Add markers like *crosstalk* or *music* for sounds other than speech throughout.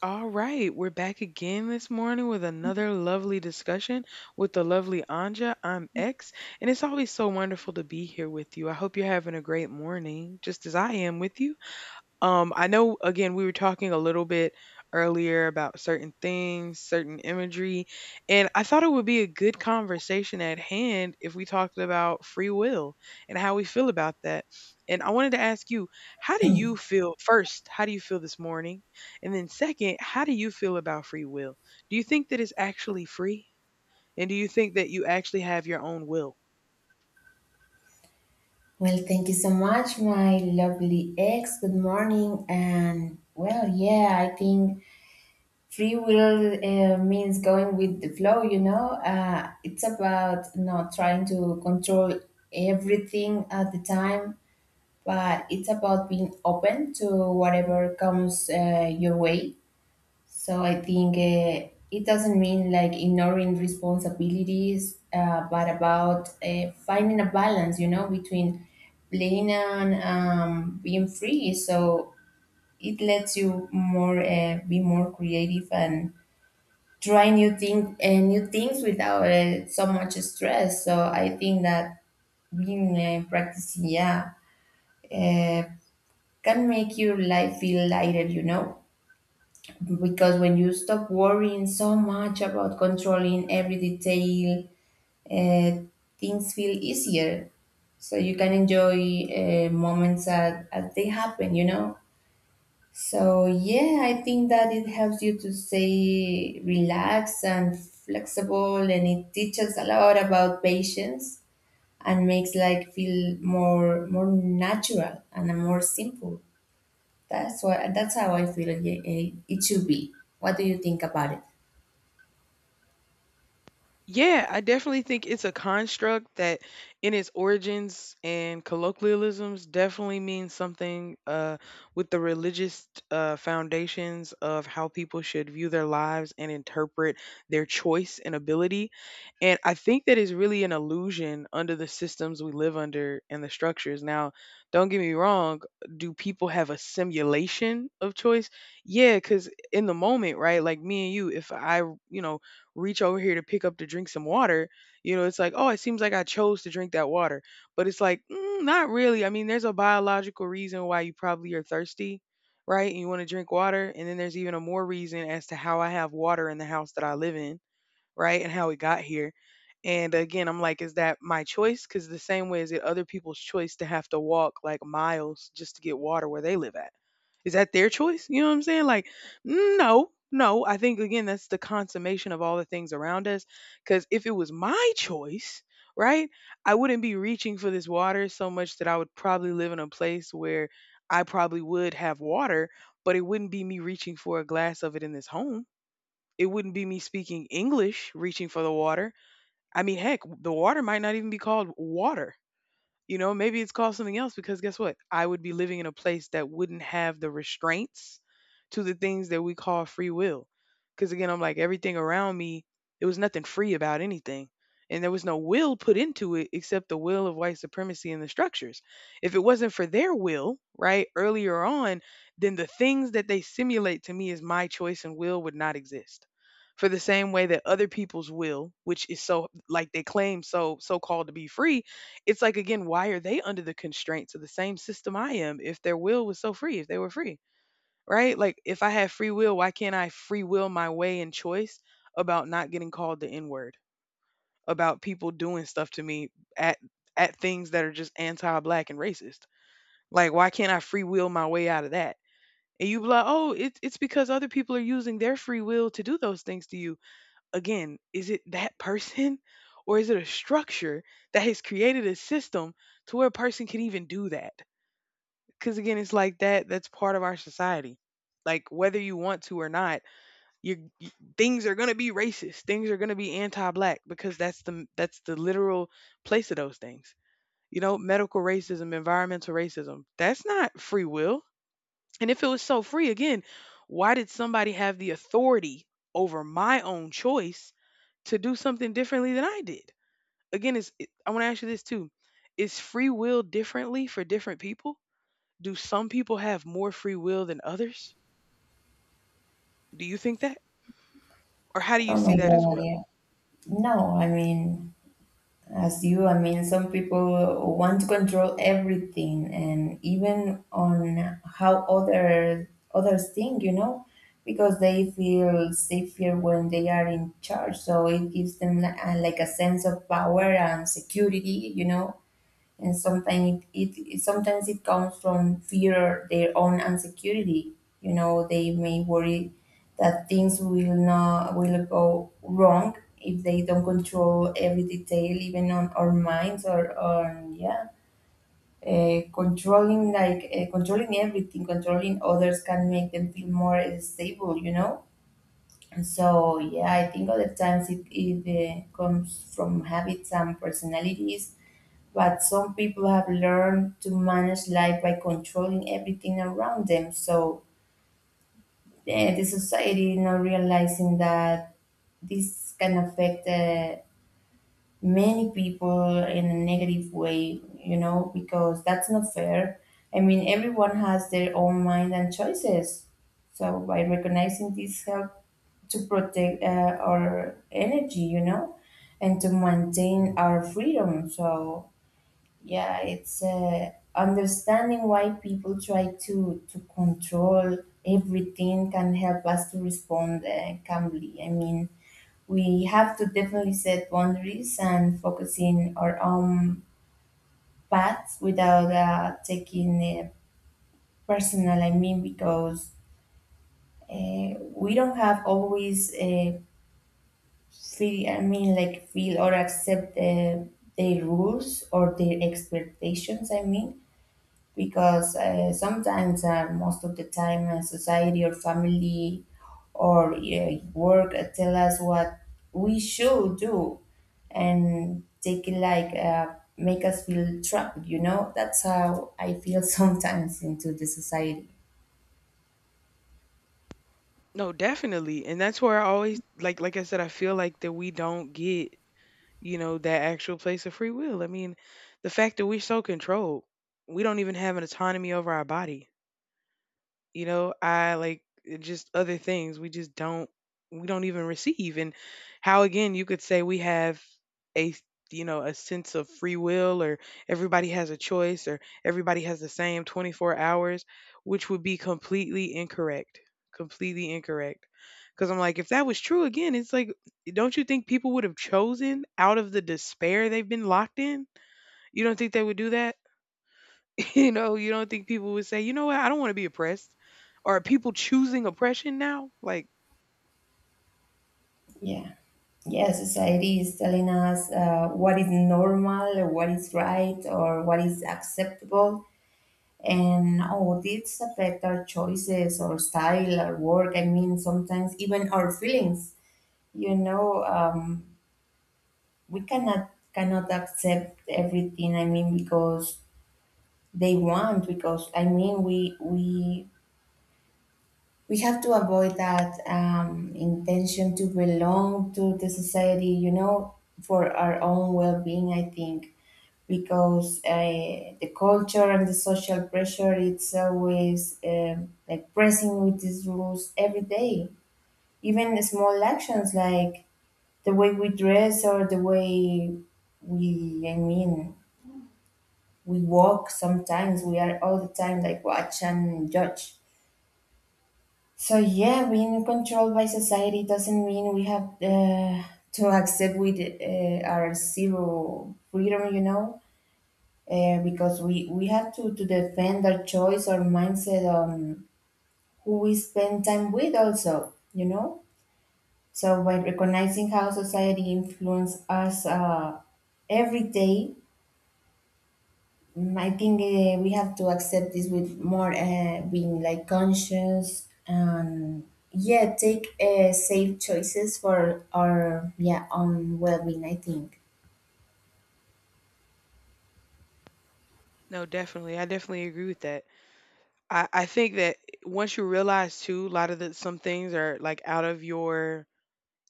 All right, we're back again this morning with another lovely discussion with the lovely Anja. I'm X, and it's always so wonderful to be here with you. I hope you're having a great morning, just as I am with you. I know again we were talking a little bit earlier about certain things, certain imagery, and I thought it would be a good conversation at hand if we talked about free will and how we feel about that. And I wanted to ask you, how do you feel first, how do you feel this morning? And then second, how do you feel about free will? Do you think that it's actually free? And do you think that you actually have your own will? Well, thank you so much, my lovely ex. Good morning. I think free will means going with the flow, You know. It's about not trying to control everything at the time, but it's about being open to whatever comes your way. So I think it doesn't mean like ignoring responsibilities, but about finding a balance, you know, between playing and being free. So it lets you more be more creative and try new things without so much stress. So I think that being practicing, yeah, uh, can make your life feel lighter, you know, because when you stop worrying so much about controlling every detail, uh, things feel easier. So you can enjoy moments as they happen, you know? So, yeah, I think that it helps you to stay relaxed and flexible, and it teaches a lot about patience and makes life feel more natural and more simple. That's how I feel it should be. What do you think about it? Yeah, I definitely think it's a construct that in its origins and colloquialisms definitely means something with the religious foundations of how people should view their lives and interpret their choice and ability. And I think that is really an illusion under the systems we live under and the structures. Now, don't get me wrong, do people have a simulation of choice? Yeah, because in the moment, right, like me and you, if I, you know, reach over here to pick up to drink some water. You know, it's like, oh, it seems like I chose to drink that water. But it's like, not really. I mean, there's a biological reason why you probably are thirsty, right? And you want to drink water. And then there's even a more reason as to how I have water in the house that I live in, right? And how we got here. And again, I'm like, is that my choice? Because the same way, is it other people's choice to have to walk like miles just to get water where they live at? Is that their choice? You know what I'm saying? Like, no, no. I think, again, that's the consummation of all the things around us. Because if it was my choice, right, I wouldn't be reaching for this water so much. That I would probably live in a place where I probably would have water, but it wouldn't be me reaching for a glass of it in this home. It wouldn't be me speaking English reaching for the water. I mean, heck, the water might not even be called water. You know, maybe it's called something else because guess what? I would be living in a place that wouldn't have the restraints to the things that we call free will. Because again, I'm like, everything around me, it was nothing free about anything. And there was no will put into it except the will of white supremacy and the structures. If it wasn't for their will, right, earlier on, then the things that they simulate to me as my choice and will would not exist. For the same way that other people's will, which is so like they claim, so called to be free, it's like, again, why are they under the constraints of the same system I am? If their will was so free, if they were free, right, like, if I have free will, why can't I free will my way and choice about not getting called the N word, about people doing stuff to me, at at things that are just anti-black and racist? Like, why can't I free will my way out of that? And you be like, oh, it's because other people are using their free will to do those things to you. Again, is it that person or is it a structure that has created a system to where a person can even do that? Because again, it's like that. That's part of our society. Like, whether you want to or not, you y- things are gonna be racist. Things are gonna be anti-black because that's the literal place of those things. You know, medical racism, environmental racism. That's not free will. And if it was so free, again, why did somebody have the authority over my own choice to do something differently than I did? Again, is it, I want to ask you this too: is free will differently for different people? Do some people have more free will than others? Do you think that, or how do you Oh see my that as God, well? yeah. No, I mean, as you, I mean, some people want to control everything and even on how others think, you know, because they feel safer when they are in charge. So it gives them like a sense of power and security, you know, and sometimes it comes from fear, their own insecurity. You know, they may worry that things will go wrong if they don't control every detail, even on our minds or on, yeah, controlling everything, controlling others can make them feel more stable, you know. And so, yeah, I think other times it comes from habits and personalities, but some people have learned to manage life by controlling everything around them. So, the society not realizing that this can affect many people in a negative way, you know, because that's not fair. I mean, everyone has their own mind and choices. So by recognizing this, help to protect our energy, you know, and to maintain our freedom. So yeah, it's understanding why people try to control everything can help us to respond calmly. I mean, we have to definitely set boundaries and focus in our own path without taking personal. I mean, because we don't have always feel. I mean, like feel or accept their rules or their expectations. I mean, because sometimes most of the time society or family or work tell us what we should do and take it like make us feel trapped, you know. That's how I feel *laughs* sometimes into the society. No, definitely, and that's where I always, like I said, I feel like that we don't get, you know, that actual place of free will. I mean, the fact that we're so controlled, we don't even have an autonomy over our body. You know, I like it, just other things we just don't, we don't even receive. And how again you could say we have a, you know, a sense of free will, or everybody has a choice, or everybody has the same 24 hours, which would be completely incorrect, completely incorrect. Because I'm like, if that was true, again, it's like, don't you think people would have chosen out of the despair they've been locked in? You don't think they would do that? *laughs* You know, you don't think people would say, you know what, I don't want to be oppressed. Or are people choosing oppression now? Like, Yeah. Yeah, society is telling us what is normal, what is right, or what is acceptable. And oh, this affect our choices or style or work. I mean, sometimes even our feelings, you know. We cannot accept everything. I mean, because they want, because I mean, we have to avoid that intention to belong to the society, you know, for our own well-being, I think. Because the culture and the social pressure, it's always like pressing with these rules every day, even small actions like the way we dress or the way we I mean we walk. Sometimes we are all the time like watch and judge. So yeah, being controlled by society doesn't mean we have to accept with our zero freedom, you know. Because we have to defend our choice or mindset on who we spend time with also, you know? So by recognizing how society influence us every day, I think we have to accept this with more being like conscious and, yeah, take safe choices for our, yeah, own well-being, I think. no, definitely. I definitely agree with that. I think that once you realize too, a lot of the some things are like out of your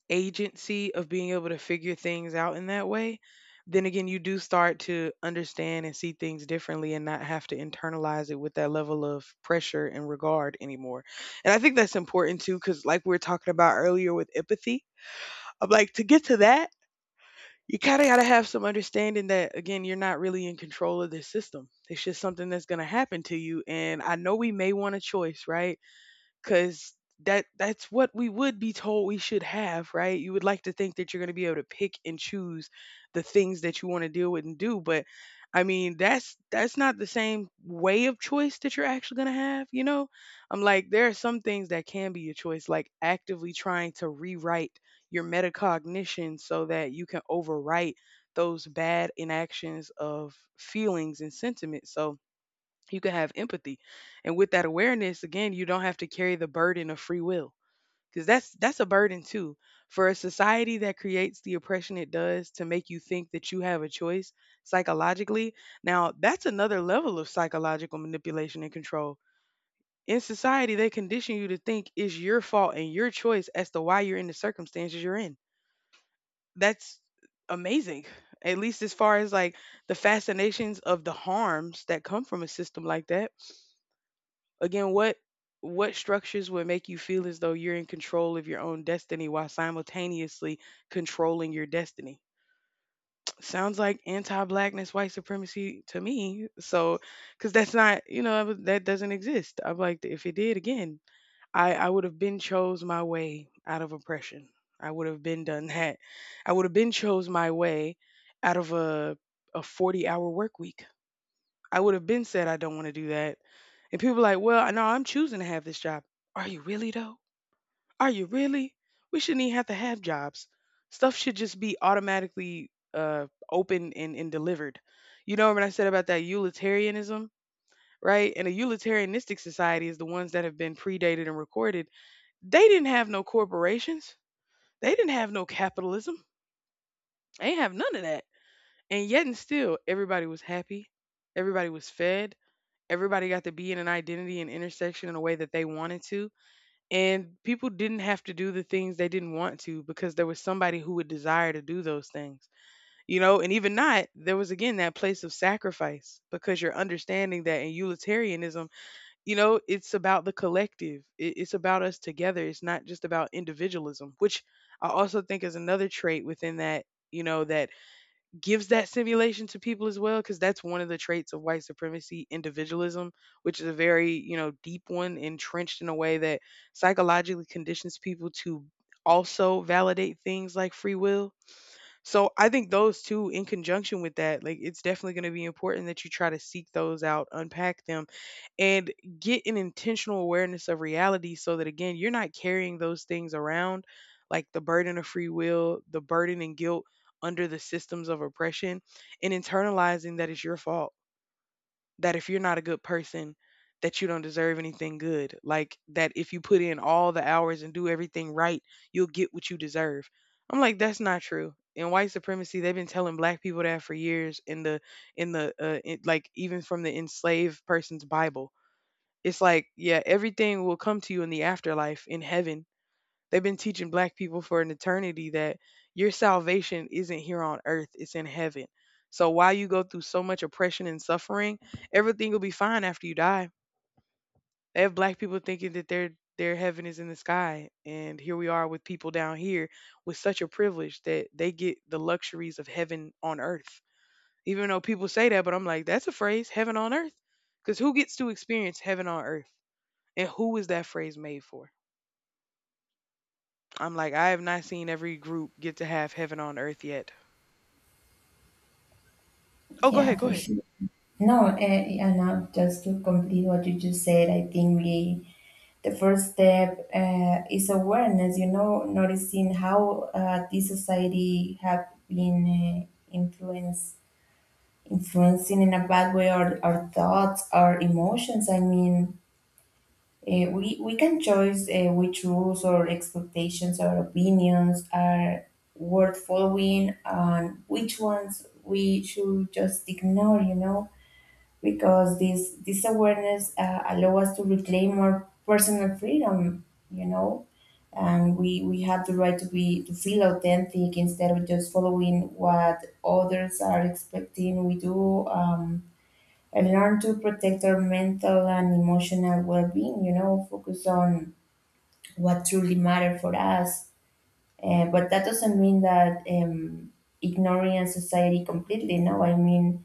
agency of being able to figure things out in that way, then again you do start to understand and see things differently and not have to internalize it with that level of pressure and regard anymore. And I think that's important too, because like we were talking about earlier with empathy, I'm like, to get to that, you kind of got to have some understanding that again you're not really in control of this system. It's just something that's going to happen to you. And I know we may want a choice, right? Because that's what we would be told we should have, right? You would like to think that you're going to be able to pick and choose the things that you want to deal with and do. But I mean, that's not the same way of choice that you're actually going to have, you know? I'm like, there are some things that can be your choice, like actively trying to rewrite your metacognition so that you can overwrite those bad inactions of feelings and sentiments, so you can have empathy. And with that awareness again, you don't have to carry the burden of free will. Because that's a burden too, for a society that creates the oppression it does to make you think that you have a choice. Psychologically, now that's another level of psychological manipulation and control. In society, they condition you to think it's your fault and your choice as to why you're in the circumstances you're in. That's amazing, at least as far as like the fascinations of the harms that come from a system like that. Again, what structures would make you feel as though you're in control of your own destiny while simultaneously controlling your destiny? *tsk* Sounds like anti-blackness, white supremacy to me. So, because that's not, you know, that doesn't exist. I'm like, if it did, again, I would have been chose my way out of oppression. I would have been done that. I would have been chose my way out of a 40-hour work week. I would have been said I don't want to do that. And people like, well, no, I'm choosing to have this job. Are you really though? Are you really? We shouldn't even have to have jobs. Stuff should just be automatically open and delivered. You know when I said about that utilitarianism, right? And a utilitarianistic society is the ones that have been predated and recorded. They didn't have no corporations. They didn't have no capitalism. They didn't have none of that. And yet and still, everybody was happy. Everybody was fed. Everybody got to be in an identity and intersection in a way that they wanted to. And people didn't have to do the things they didn't want to because there was somebody who would desire to do those things, you know? And even not, there was again that place of sacrifice because you're understanding that in utilitarianism, you know, it's about the collective. It's about us together. It's not just about individualism, which I also think is another trait within that, that gives that simulation to people as well because that's one of the traits of white supremacy individualism, which is a very deep one, entrenched in a way that psychologically conditions people to also validate things like free will. So I think those two in conjunction with that, like, it's definitely going to be important that you try to seek those out, unpack them, and get an intentional awareness of reality so that again you're not carrying those things around, like the burden of free will, the burden and guilt under the systems of oppression, and internalizing that it's your fault, that if you're not a good person, that you don't deserve anything good. Like that if you put in all the hours and do everything right, you'll get what you deserve. I'm like, that's not true. In white supremacy, they've been telling black people that for years. In the like, even from the enslaved person's bible, it's like, yeah, everything will come to you in the afterlife, in heaven. They've been teaching black people for an eternity that your salvation isn't here on earth, it's in heaven. So while you go through so much oppression and suffering, everything will be fine after you die. They have black people thinking that their heaven is in the sky, and here we are with people down here with such a privilege that they get the luxuries of heaven on earth. Even though people say that, but I'm like, that's a phrase, heaven on earth. Because who gets to experience heaven on earth? And who is that phrase made for? I'm like, I have not seen every group get to have heaven on earth yet. Oh, go Yeah, ahead, go for ahead. sure. No, and just to complete what you just said, I think we, the first step is awareness, you know, noticing how this society have been uh, influence, influencing in a bad way our thoughts, our emotions. I mean, we can choose which rules or expectations or opinions are worth following and which ones we should just ignore, you know, because this awareness allow us to reclaim our personal freedom, you know. And we have the right to be, to feel authentic instead of just following what others are expecting we do. And learn to protect our mental and emotional well-being, you know, focus on what truly matter for us. But that doesn't mean that ignoring society completely. No, I mean,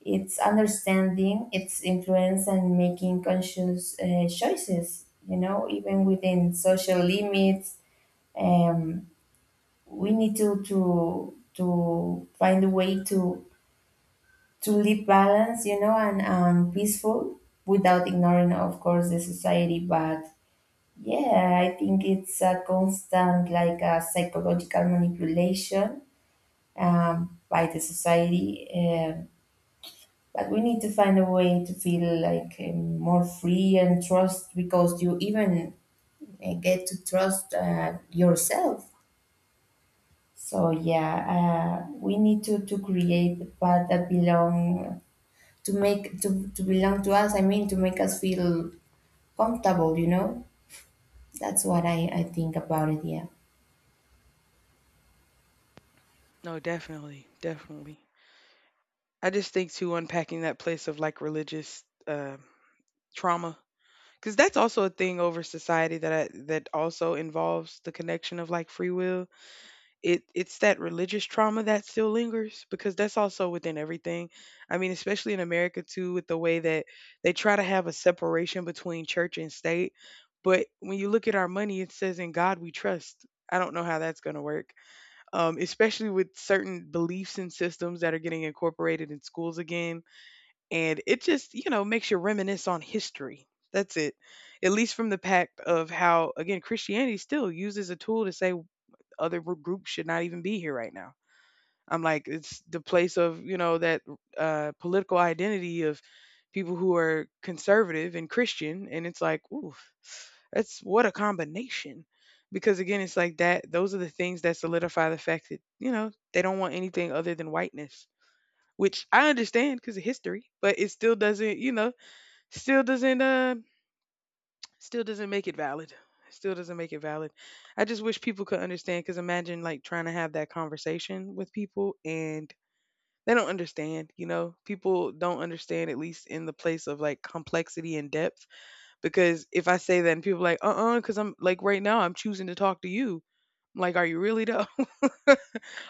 it's understanding its influence and making conscious choices, you know, even within social limits. um, we need to find a way to live balance, you know, and peaceful without ignoring, of course, the society. But yeah, I think it's a constant like a psychological manipulation by the society. But we need to find a way to feel like more free and trust, because you even get to trust yourself. So yeah, we need to create the path that belong to make to belong to us. I mean, to make us feel comfortable. You know, that's what I think about it. Yeah. No, definitely, definitely. I just think too, unpacking that place of like religious trauma, because that's also a thing over society, that that also involves the connection of like free will. It it's that religious trauma that still lingers because that's also within everything. I mean, especially in America too, with the way that they try to have a separation between church and state. But when you look at our money, it says in God we trust. I don't know how that's going to work, especially with certain beliefs and systems that are getting incorporated in schools again. And it just, you know, makes you reminisce on history. That's it, at least from the pact of how, again, Christianity still uses a tool to save other groups should not even be here right now. I'm like, it's the place of, you know, that political identity of people who are conservative and Christian. And it's like, ooh, that's what a combination. Because again, it's like that, those are the things that solidify the fact that, you know, they don't want anything other than whiteness, which I understand because of history, but it still doesn't, you know, still doesn't, still doesn't make it valid. Still doesn't make it valid. I just wish people could understand, because imagine like trying to have that conversation with people and they don't understand, you know? People don't understand, at least in the place of like complexity and depth. Because if I say that and people are like, because I'm like, right now, I'm choosing to talk to you. I'm like, are you really though? *laughs*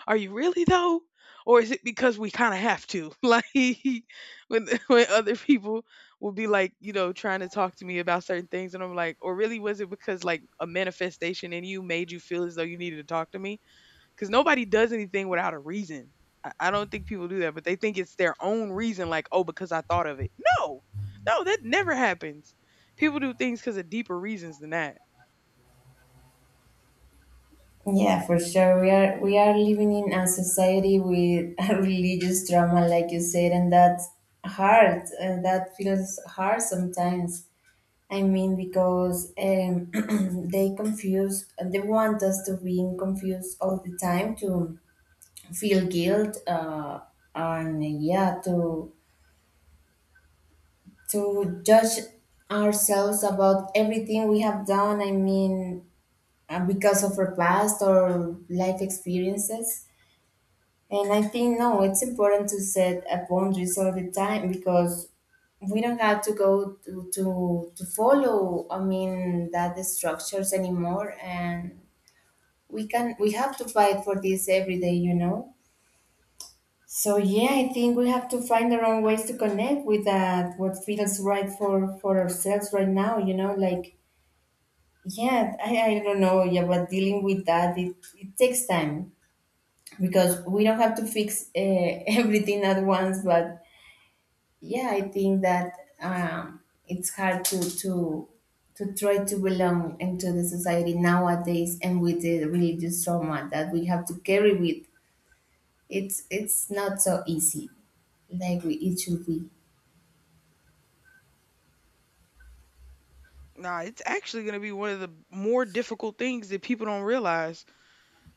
Are you really though? Or is it because we kind of have to? *laughs* Like, when other people will be like, you know, trying to talk to me about certain things and I'm like, or really was it because like a manifestation in you made you feel as though you needed to talk to me? Cuz nobody does anything without a reason. I don't think people do that, but they think it's their own reason, like, "Oh, because I thought of it." No. No, that never happens. People do things cuz of deeper reasons than that. Yeah, for sure. We are living in a society with *laughs* a religious trauma, like you said, and that's hard. That feels hard sometimes. I mean, because *clears throat* they confuse, they want us to be confused all the time to feel guilt, and yeah, to judge ourselves about everything we have done. I mean, because of our past or life experiences. And I think, no, it's important to set boundaries all the time because we don't have to go to follow, I mean, that the structures anymore. And we can, we have to fight for this every day, you know. So yeah, I think we have to find our own ways to connect with that, what feels right for ourselves right now, you know, like. Yeah, I don't know, yeah, but dealing with that, it takes time because we don't have to fix *laughs* everything at once. But yeah, I think that um it's hard to try to belong into the society nowadays and with the religious trauma that we have to carry with. It's not so easy like we, it should be. Nah, it's actually going to be one of the more difficult things that people don't realize.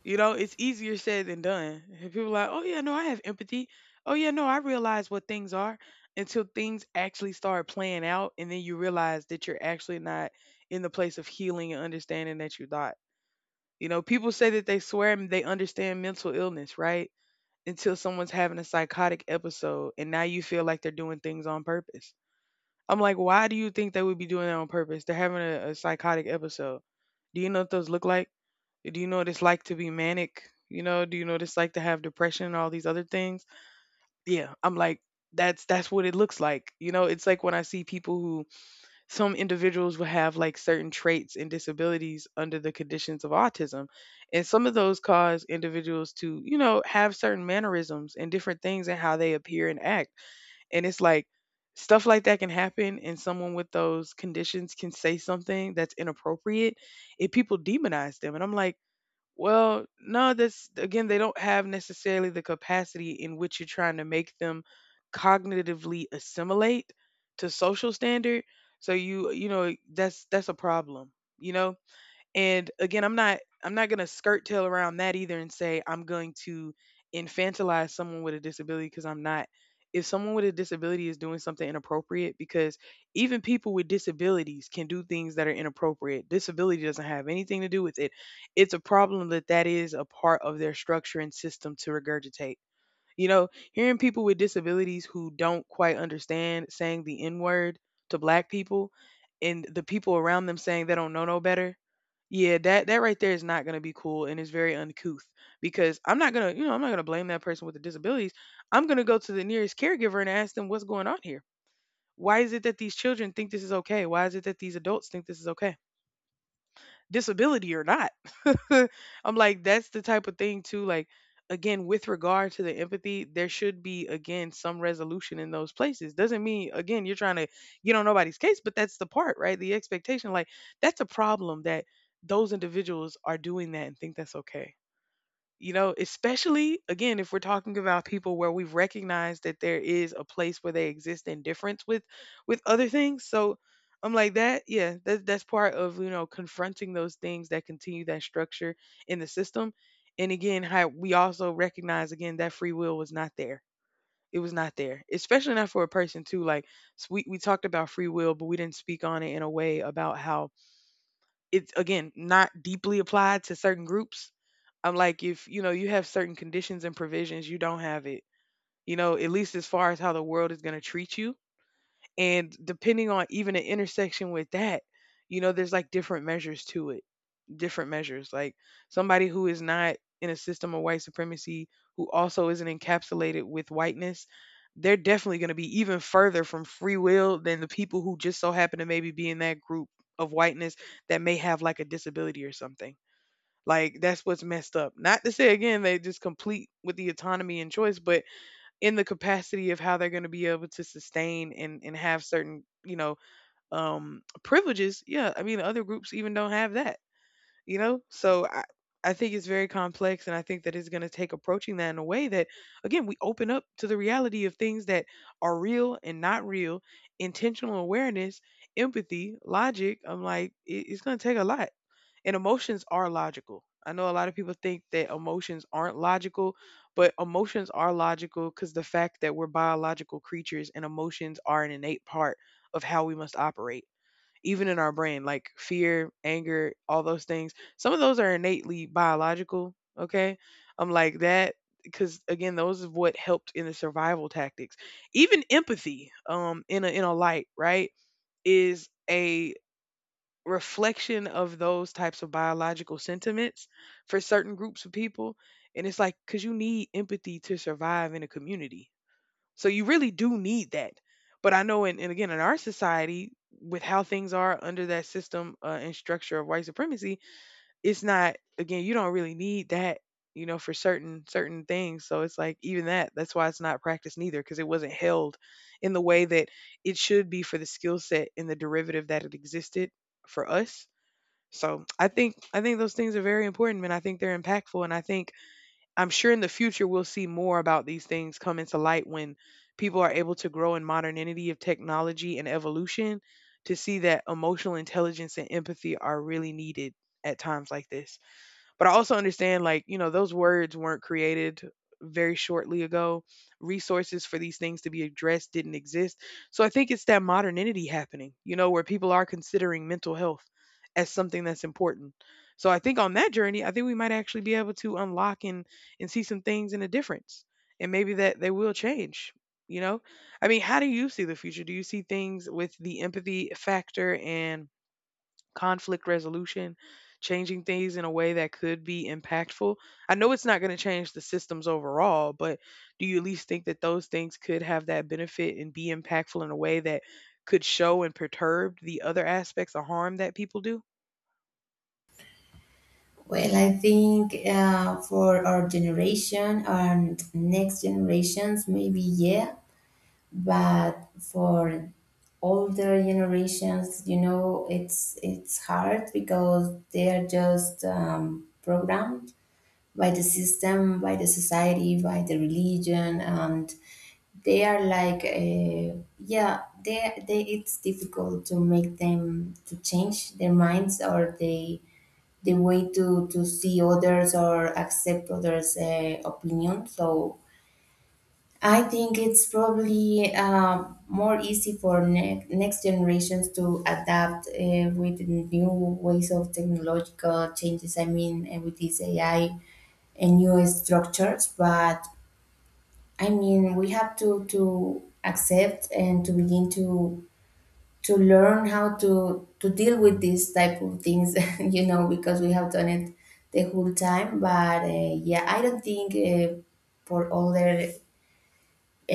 You know, it's easier said than done. And people like, oh yeah, no, I have empathy. Oh yeah, no, I realize what things are, until things actually start playing out, and then you realize that you're actually not in the place of healing and understanding that you thought. You know, people say that they swear and they understand mental illness, right? Until someone's having a psychotic episode, and now you feel like they're doing things on purpose. I'm like, why do you think they would be doing that on purpose? They're having a psychotic episode. Do you know what those look like? Do you know what it's like to be manic? You know, do you know what it's like to have depression and all these other things? Yeah, I'm like, that's what it looks like. You know, it's like when I see people who, some individuals will have like certain traits and disabilities under the conditions of autism. And some of those cause individuals to, you know, have certain mannerisms and different things and how they appear and act. And it's like, stuff like that can happen and someone with those conditions can say something that's inappropriate, and people demonize them. And I'm like, well, no, that's, again, they don't have necessarily the capacity in which you're trying to make them cognitively assimilate to social standard. So you know, that's a problem, you know? And again, I'm not gonna skirt tail around that either and say I'm going to infantilize someone with a disability, because I'm not. If someone with a disability is doing something inappropriate, because even people with disabilities can do things that are inappropriate. Disability doesn't have anything to do with it. It's a problem that is a part of their structure and system to regurgitate, you know, hearing people with disabilities who don't quite understand saying the N word to black people, and the people around them saying they don't know no better. Yeah, that right there is not going to be cool and it's very uncouth, because I'm not going to, you know, I'm not going to blame that person with the disabilities. I'm going to go to the nearest caregiver and ask them what's going on here. Why is it that these children think this is okay? Why is it that these adults think this is okay? Disability or not. *laughs* I'm like, that's the type of thing too. Like, again, with regard to the empathy, there should be again some resolution in those places. Doesn't mean again you're trying to get on nobody's case, but that's the part, right? The expectation, like, that's a problem that those individuals are doing that and think that's okay, you know, especially again, if we're talking about people where we've recognized that there is a place where they exist in difference with other things. So I'm like that, yeah, that's part of, you know, confronting those things that continue that structure in the system. And again, how we also recognize again that free will was not there. It was not there, especially not for a person too. Like, we talked about free will, but we didn't speak on it in a way about how it's again not deeply applied to certain groups. I'm like, if you know you have certain conditions and provisions, you don't have it. You know, at least as far as how the world is going to treat you, and depending on even an intersection with that, you know, there's like different measures to it. Different measures, like somebody who is not in a system of white supremacy, who also isn't encapsulated with whiteness, they're definitely going to be even further from free will than the people who just so happen to maybe be in that group of whiteness that may have like a disability or something. Like that's what's messed up. Not to say again they just complete with the autonomy and choice, but in the capacity of how they're going to be able to sustain and have certain, you know, um, privileges. Yeah, I mean, other groups even don't have that. You know, so I think it's very complex, and I think that it's going to take approaching that in a way that again we open up to the reality of things that are real and not real, intentional awareness, empathy, logic. I'm like, it's going to take a lot. And emotions are logical. I know a lot of people think that emotions aren't logical, but emotions are logical, because the fact that we're biological creatures and emotions are an innate part of how we must operate, even in our brain, like fear, anger, all those things. Some of those are innately biological. Okay. I'm like that, because again, those is what helped in the survival tactics. Even empathy, in a light, right? is a reflection of those types of biological sentiments for certain groups of people. And it's like, because you need empathy to survive in a community. So you really do need that. But I know, in, and again, in our society, with how things are under that system and structure of white supremacy, it's not, again, you don't really need that for certain things. So it's like even that, that's why it's not practiced neither, because it wasn't held in the way that it should be for the skill set and the derivative that it existed for us. So I think those things are very important, and I think they're impactful, and I think I'm sure in the future we'll see more about these things come into light when people are able to grow in modernity of technology and evolution, to see that emotional intelligence and empathy are really needed at times like this. But I also understand, like, those words weren't created very shortly ago. Resources for these things to be addressed didn't exist. So I think it's that modernity happening, where people are considering mental health as something that's important. So I think on that journey, I think we might actually be able to unlock and see some things in a difference. And maybe that they will change, you know? I mean, how do you see the future? Do you see things with the empathy factor and conflict resolution, changing things in a way that could be impactful? I know it's not going to change the systems overall, but do you at least think that those things could have that benefit and be impactful in a way that could show and perturb the other aspects of harm that people do? Well, I think for our generation and next generations, maybe yeah, but for older generations, you know, it's hard because they are just programmed by the system, by the society, by the religion. And they are like, yeah, they it's difficult to make them to change their minds, or they the way to see others or accept others' opinion. So I think it's probably more easy for next generations to adapt with new ways of technological changes. I mean, with this AI and new structures. But I mean, we have to accept and to begin to learn how to deal with these type of things *laughs* you know, because we have done it the whole time. But yeah, I don't think for older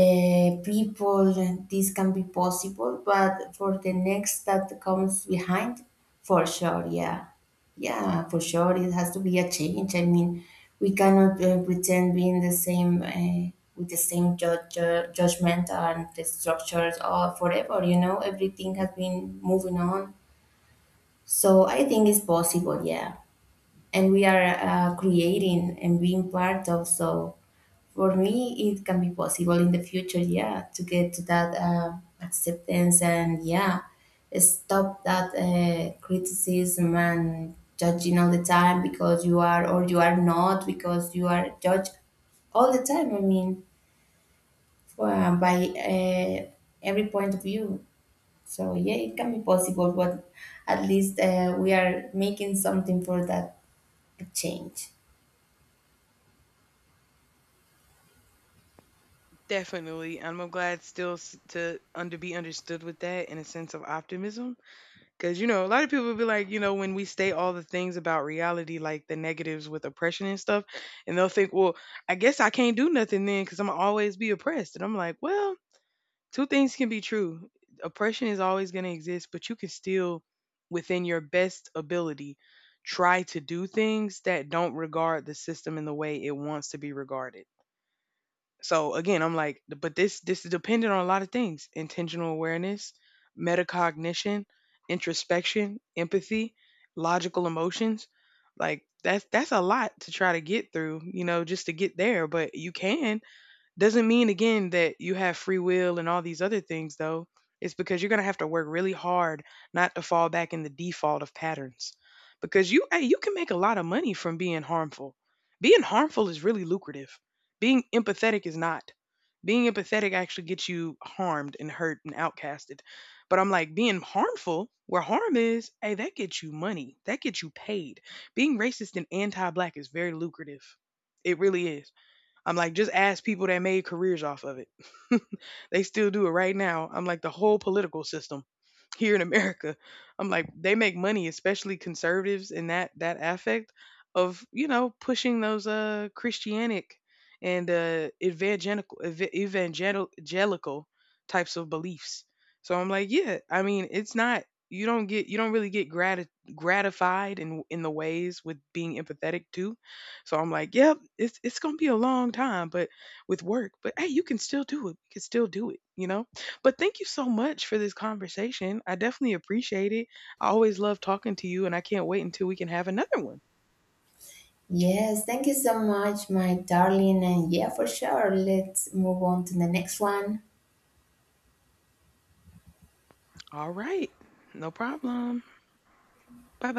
people this can be possible, but for the next that comes behind, for sure, yeah. Yeah, for sure, it has to be a change. I mean, we cannot pretend being the same with the same judgment and the structures forever, you know, everything has been moving on. So I think it's possible, yeah, and we are creating and being part of. So for me, it can be possible in the future, yeah, to get to that acceptance and, yeah, stop that criticism and judging all the time because you are or you are not, because you are judged all the time. I mean, for, by every point of view. So yeah, it can be possible, but at least we are making something for that change. Definitely. I'm glad still to under be understood with that in a sense of optimism. Because, you know, a lot of people be like, you know, when we state all the things about reality, like the negatives with oppression and stuff, and they'll think, well, I guess I can't do nothing then because I'm going to always be oppressed. And I'm like, well, two things can be true. Oppression is always going to exist, but you can still, within your best ability, try to do things that don't regard the system in the way it wants to be regarded. So again, I'm like, but this is dependent on a lot of things: intentional awareness, metacognition, introspection, empathy, logical emotions. Like that's a lot to try to get through, you know, just to get there. But you can. Doesn't mean again that you have free will and all these other things though. It's because you're gonna have to work really hard not to fall back in the default of patterns. Because you, hey, you can make a lot of money from being harmful. Being harmful is really lucrative. Being empathetic is not. Being empathetic actually gets you harmed and hurt and outcasted. But I'm like, being harmful, where harm is, hey, that gets you money. That gets you paid. Being racist and anti black is very lucrative. It really is. I'm like, just ask people that made careers off of it. *laughs* They still do it right now. I'm like, the whole political system here in America. I'm like, they make money, especially conservatives in that affect of, you know, pushing those Christianic and evangelical evangelical types of beliefs. So I'm like, yeah, I mean, it's not, you don't get, you don't really get gratified in the ways with being empathetic too. So I'm like, yep, it's gonna be a long time, but with work, but hey, you can still do it. You can still do it, you know. But thank you so much for this conversation. I definitely appreciate it. I always love talking to you, and I can't wait until we can have another one. Yes, thank you so much, my darling. And yeah, for sure. Let's move on to the next one. All right. No problem. Bye.